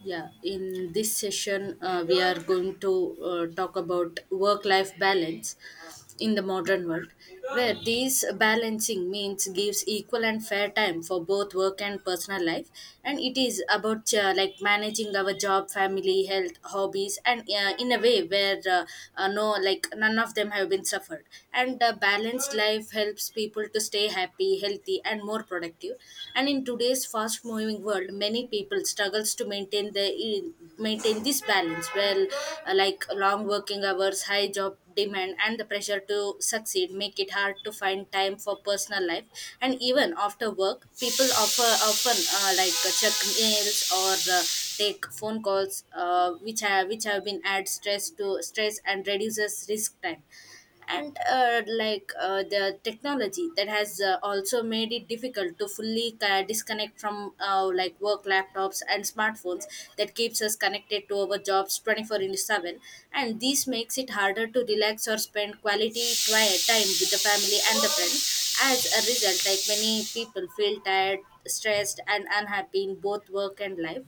Yeah, in this session, we are going to talk about work life balance in the modern world, where these balancing means gives equal and fair time for both work and personal life, and it is about like managing our job, family, health, hobbies, and in a way where no like none of them have been suffered. And a balanced life helps people to stay happy, healthy, and more productive. And in today's fast moving world, many people struggles to maintain this balance well. Like long working hours, high job demand, and the pressure to succeed make it hard to find time for personal life. And even after work, people offer often like check mails or take phone calls, which have been add stress to stress and reduces risk time. And like the technology that has also made it difficult to fully disconnect from like work laptops and smartphones that keeps us connected to our jobs 24 into 7. And this makes it harder to relax or spend quality quiet time with the family and the friends. As a result, like many people feel tired, stressed, and unhappy in both work and life.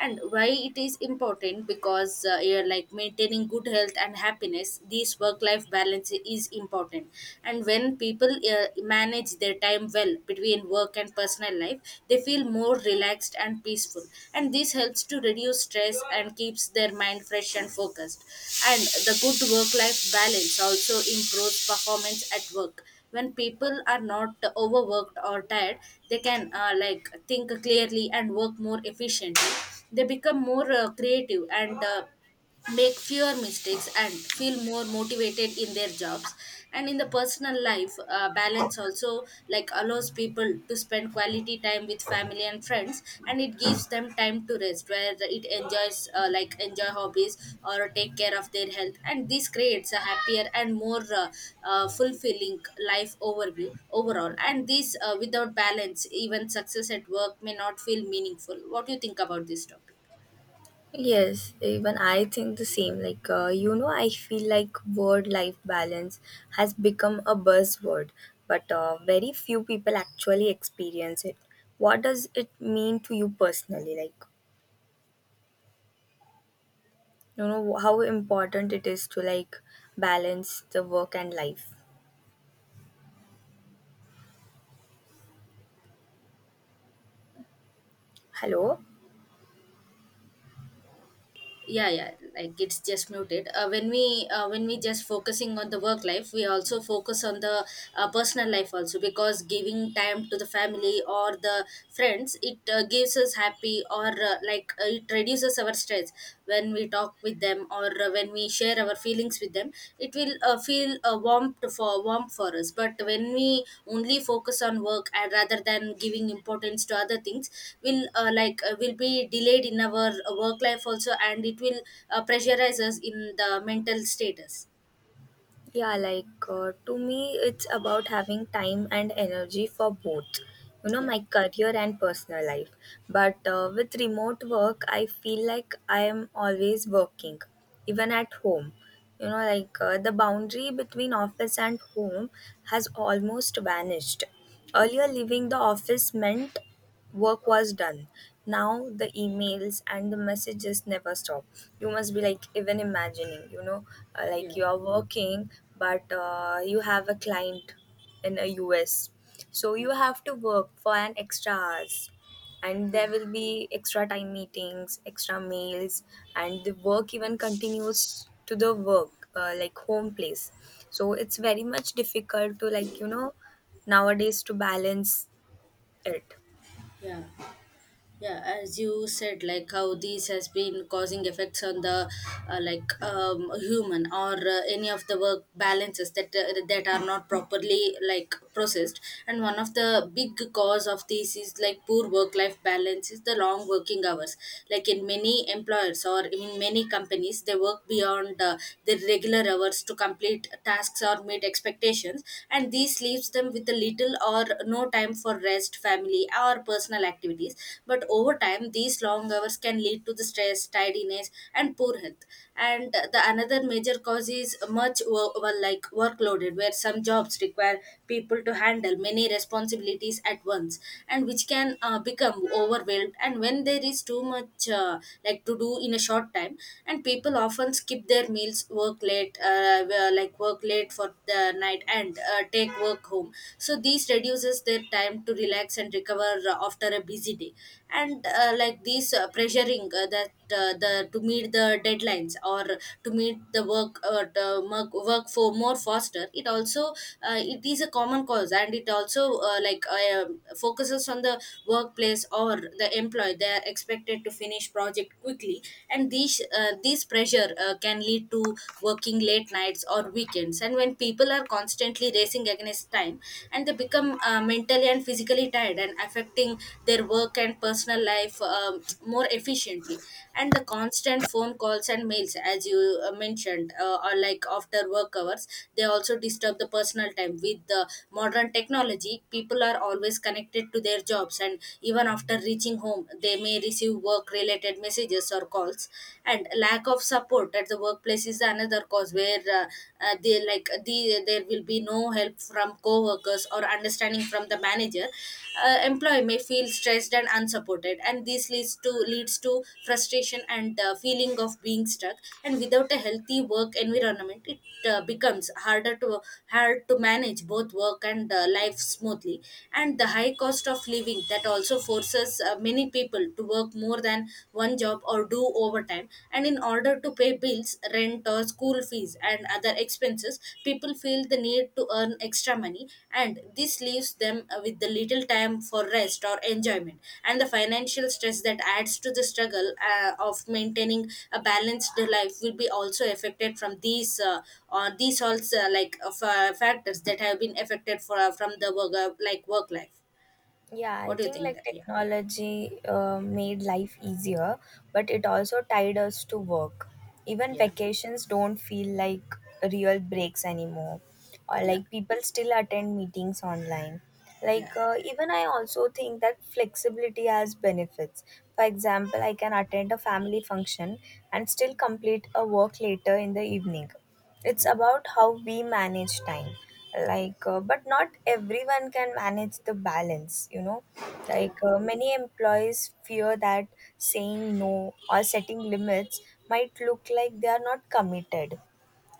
And why it is important, because you're like maintaining good health and happiness, this work life balance is important. And when people manage their time well between work and personal life, they feel more relaxed and peaceful, and this helps to reduce stress and keeps their mind fresh and focused. And the good work life balance also improves performance at work. When people are not overworked or tired, they can like think clearly and work more efficiently. They become more creative, and make fewer mistakes and feel more motivated in their jobs. And in the personal life, balance also like allows people to spend quality time with family and friends, and it gives them time to rest, where it enjoys enjoy hobbies or take care of their health. And this creates a happier and more fulfilling life overview overall. And this without balance, even success at work may not feel meaningful. What do you think about this topic? Yes, even I think the same. Like, you know, I feel like word life balance has become a buzzword, but very few people actually experience it. What does it mean to you personally? Like, you know, how important it is to like balance the work and life. Hello? Yeah, yeah, like it's just muted. When we just focusing on the work life, we also focus on the personal life also, because giving time to the family or the friends, it gives us happy, or it reduces our stress when we talk with them, or when we share our feelings with them, it will feel warmth for us. But when we only focus on work, and rather than giving importance to other things, will will be delayed in our work life also, and it will pressurize us in the mental status. Yeah, like to me, it's about having time and energy for both, you know, Yeah, my career and personal life. But with remote work, I feel like I am always working, even at home you know like the boundary between office and home has almost vanished. Earlier leaving the office meant work was done. Now the emails and the messages never stop. You must be like even imagining you know yeah, like you are working, but you have a client in a US, so yeah, you have to work for an extra hours. And there will be extra time meetings, extra mails, and the work even continues to the work like home place. So it's very much difficult to like you know nowadays to balance it. yeah, yeah, as you said, like how this has been causing effects on the human or any of the work balances that that are not properly like processed. And one of the big cause of this is, like, poor work life balance is the long working hours. Like in many employers or in many companies, they work beyond their regular hours to complete tasks or meet expectations, and this leaves them with a little or no time for rest, family, or personal activities. But over time, these long hours can lead to the stress, tidiness, and poor health. And the another major cause is much well, like workloaded, where some jobs require people to handle many responsibilities at once, and which can become overwhelmed. And when there is too much like to do in a short time, and people often skip their meals, work late, work late for the night, and take work home, so these reduces their time to relax and recover after a busy day. And like these pressuring that the to meet the deadlines, or to meet the work, work for more faster, it also, it is a common cause, and it also focuses on the workplace or the employee. They are expected to finish project quickly, and these, pressure can lead to working late nights or weekends. And when people are constantly racing against time, and they become mentally and physically tired, and affecting their work and personal life more efficiently. And the constant phone calls and mails, as you mentioned, or like after work hours, they also disturb the personal time. With the modern technology, people are always connected to their jobs, and even after reaching home, they may receive work related messages or calls. And lack of support at the workplace is another cause, where they like the there will be no help from co-workers or understanding from the manager. Employee may feel stressed and unsupported, and this leads to frustration and feeling of being stuck. And without a healthy work environment, it becomes hard to manage both work and life smoothly. And the high cost of living that also forces many people to work more than one job or do overtime, and in order to pay bills, rent, or school fees and other expenses, people feel the need to earn extra money, and this leaves them with the little time for rest or enjoyment. And the financial stress that adds to the struggle of maintaining a balanced life will be also affected from these, also factors that have been affected for, from the work, life. Yeah, I What do you think think like that? Yeah. technology made life easier, but it also tied us to work. Even Yeah. vacations don't feel like real breaks anymore, or Yeah, like people still attend meetings online. yeah, Like, even I also think that flexibility has benefits. For example, I can attend a family function and still complete a work later in the evening. It's about how we manage time. Like but not everyone can manage the balance, you know. Like yeah, many employees fear that saying no or setting limits might look like they are not committed.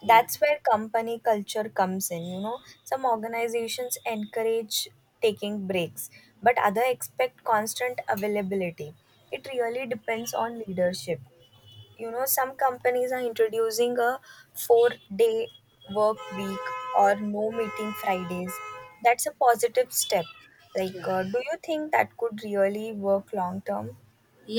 yeah, That's where company culture comes in, you know. Some organizations encourage taking breaks, but other expect constant availability. It really depends on leadership. You know, some companies are introducing a 4-day work week or no meeting Fridays. That's a positive step. yeah, Like, do you think that could really work long term?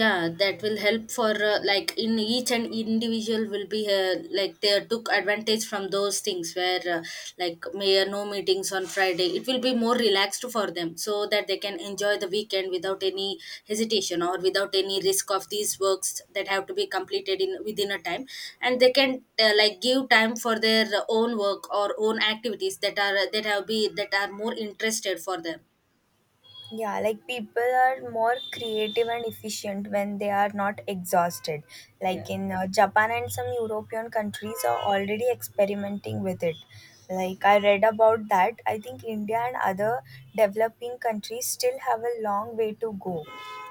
yeah, that will help for, like in each and individual will be, like they took advantage from those things, where like may no meetings on Friday, it will be more relaxed for them, so that they can enjoy the weekend without any hesitation or without any risk of these works that have to be completed in within a time. And they can like give time for their own work or own activities that are, that have be that are more interested for them. Yeah, like people are more creative and efficient when they are not exhausted. Yeah, Like in Japan and some European countries are already experimenting with it. Like I read about that. I think India and other developing countries still have a long way to go.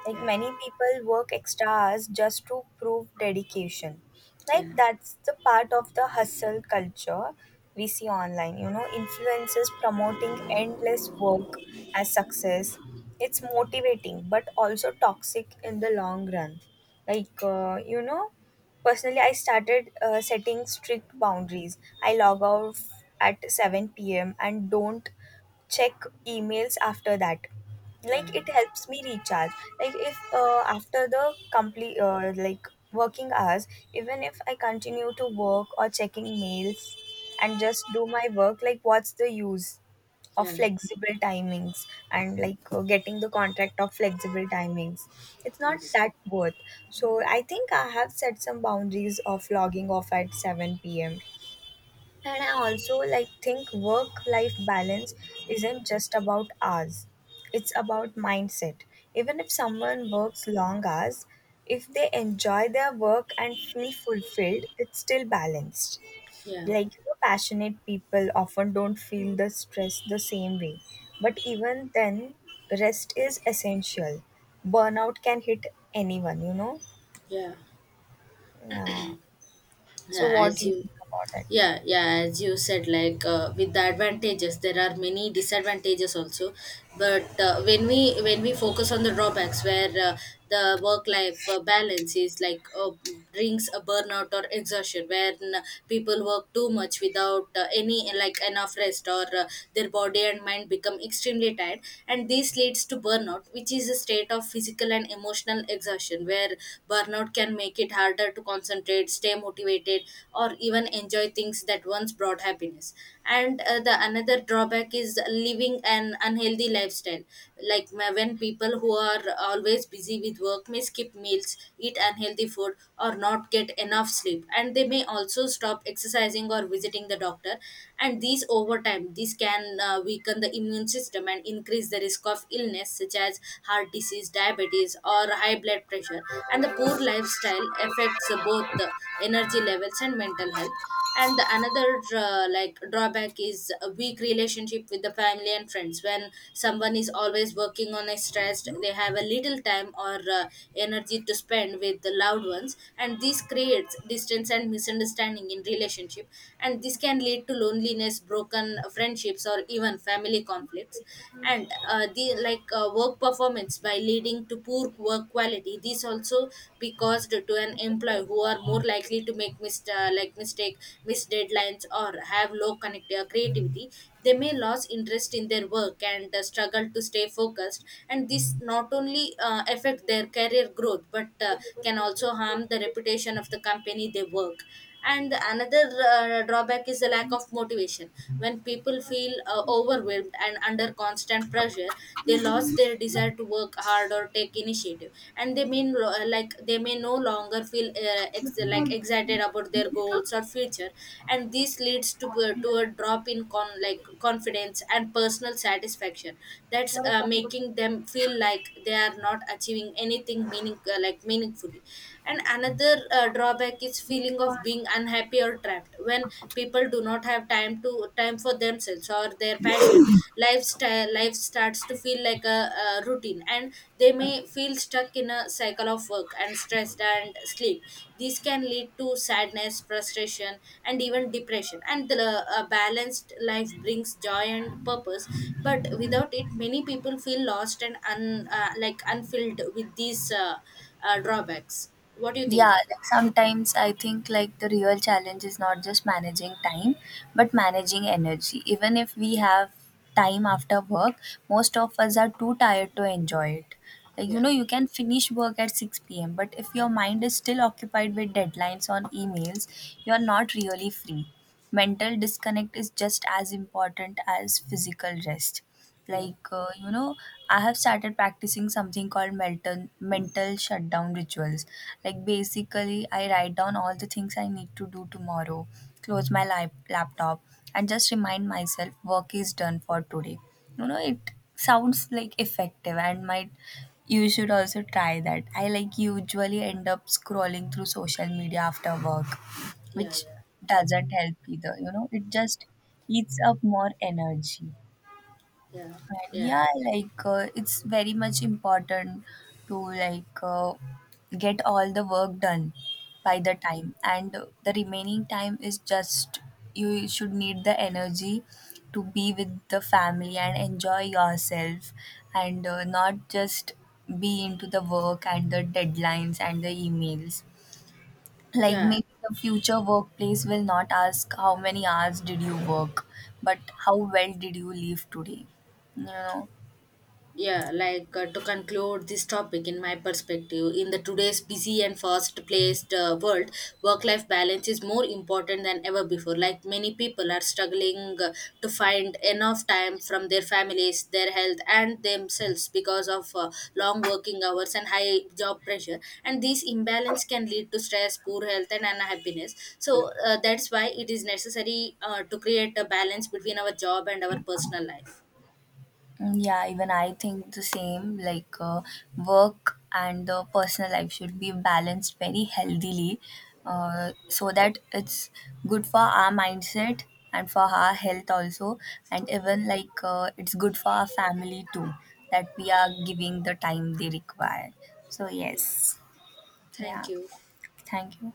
Like many yeah, people work extra hours just to prove dedication. Like yeah, that's the part of the hustle culture we see online, you know, influencers promoting endless work as success. It's motivating but also toxic in the long run. Like, you know, personally, I started setting strict boundaries. I log off at 7 p.m. and don't check emails after that. Like yeah, it helps me recharge. Like if after the complete like working hours, even if I continue to work or checking mails and just do my work, like what's the use of yeah, flexible timings and like getting the contract of flexible timings, it's not yes, that worth. So I think I have set some boundaries of logging off at 7 p.m. And I also like think work life balance isn't just about hours. It's about mindset. Even if someone works long hours, if they enjoy their work and feel fulfilled, it's still balanced. yeah, Like you know, passionate people often don't feel the stress the same way. But even then, rest is essential. Burnout can hit anyone, you know? yeah, Yeah. So yeah. what As do you you... think about that? Yeah, yeah, as you said, like with the advantages, there are many disadvantages also. But when we focus on the drawbacks, where uh, the work life balance is like brings a burnout or exhaustion, where people work too much without any like enough rest, or their body and mind become extremely tired. And this leads to burnout, which is a state of physical and emotional exhaustion, where burnout can make it harder to concentrate, stay motivated, or even enjoy things that once brought happiness. And the another drawback is living an unhealthy lifestyle. Like when people who are always busy with work may skip meals, eat unhealthy food, or not get enough sleep, and they may also stop exercising or visiting the doctor. And these over time, this can weaken the immune system and increase the risk of illness, such as heart disease, diabetes, or high blood pressure. And the poor lifestyle affects both the energy levels and mental health. And the another like drawback is a weak relationship with the family and friends. When someone is always working on a stressed, they have a little time or energy to spend with the loved ones, and this creates distance and misunderstanding in relationship, and this can lead to loneliness, broken friendships, or even family conflicts. And, the like work performance, by leading to poor work quality, these also be caused to an employee, who are more likely to make mistake, miss deadlines, or have low creativity. They may lose interest in their work and struggle to stay focused, and this not only affect their career growth, but can also harm the reputation of the company they work. And another drawback is the lack of motivation. When people feel overwhelmed and under constant pressure, they lost their desire to work hard or take initiative, and they mean, they may no longer feel excited about their goals or future, and this leads to, a drop in confidence and personal satisfaction, that's making them feel like they are not achieving anything meaningfully. And another drawback is feeling of being unhappy or trapped. When people do not have time for themselves or their passion lifestyle, life starts to feel like a routine, and they may feel stuck in a cycle of work and stress and sleep. These can lead to sadness, frustration, and even depression. And the a balanced life brings joy and purpose, but without it, many people feel lost and, un, like unfilled with these, drawbacks. What do you think Yeah, about? like sometimes I think like the real challenge is not just managing time, but managing energy. Even if we have time after work, most of us are too tired to enjoy it. Like, you Yeah, know, you can finish work at 6 p.m., but if your mind is still occupied with deadlines on emails, you are not really free. Mental disconnect is just as important as physical rest. yeah, Like, you know, I have started practicing something called mental shutdown rituals. Like, basically, I write down all the things I need to do tomorrow, close my laptop, and just remind myself work is done for today. You know, it sounds like effective and might you should also try that. I like usually end up scrolling through social media after work, yeah, which yeah, doesn't help either. You know, it just eats up more energy. yeah, yeah, Yeah, like it's very much important to like get all the work done by the time, and the remaining time is just you should need the energy to be with the family and enjoy yourself. And not just be into the work and the deadlines and the emails. Like yeah. maybe the future workplace will not ask how many hours did you work, but how well did you live today, you know. Yeah, like to conclude this topic, in my perspective, in the today's busy and fast placed world, work life balance is more important than ever before. Like many people are struggling to find enough time from their families, their health, and themselves, because of long working hours and high job pressure, and this imbalance can lead to stress, poor health, and unhappiness. So that's why it is necessary to create a balance between our job and our personal life. Mm, yeah, even I think the same. Like, work and the personal life should be balanced very healthily, so that it's good for our mindset and for our health also, and even like it's good for our family too, that we are giving the time they require. So Yeah, yes, thank yeah, you. thank you.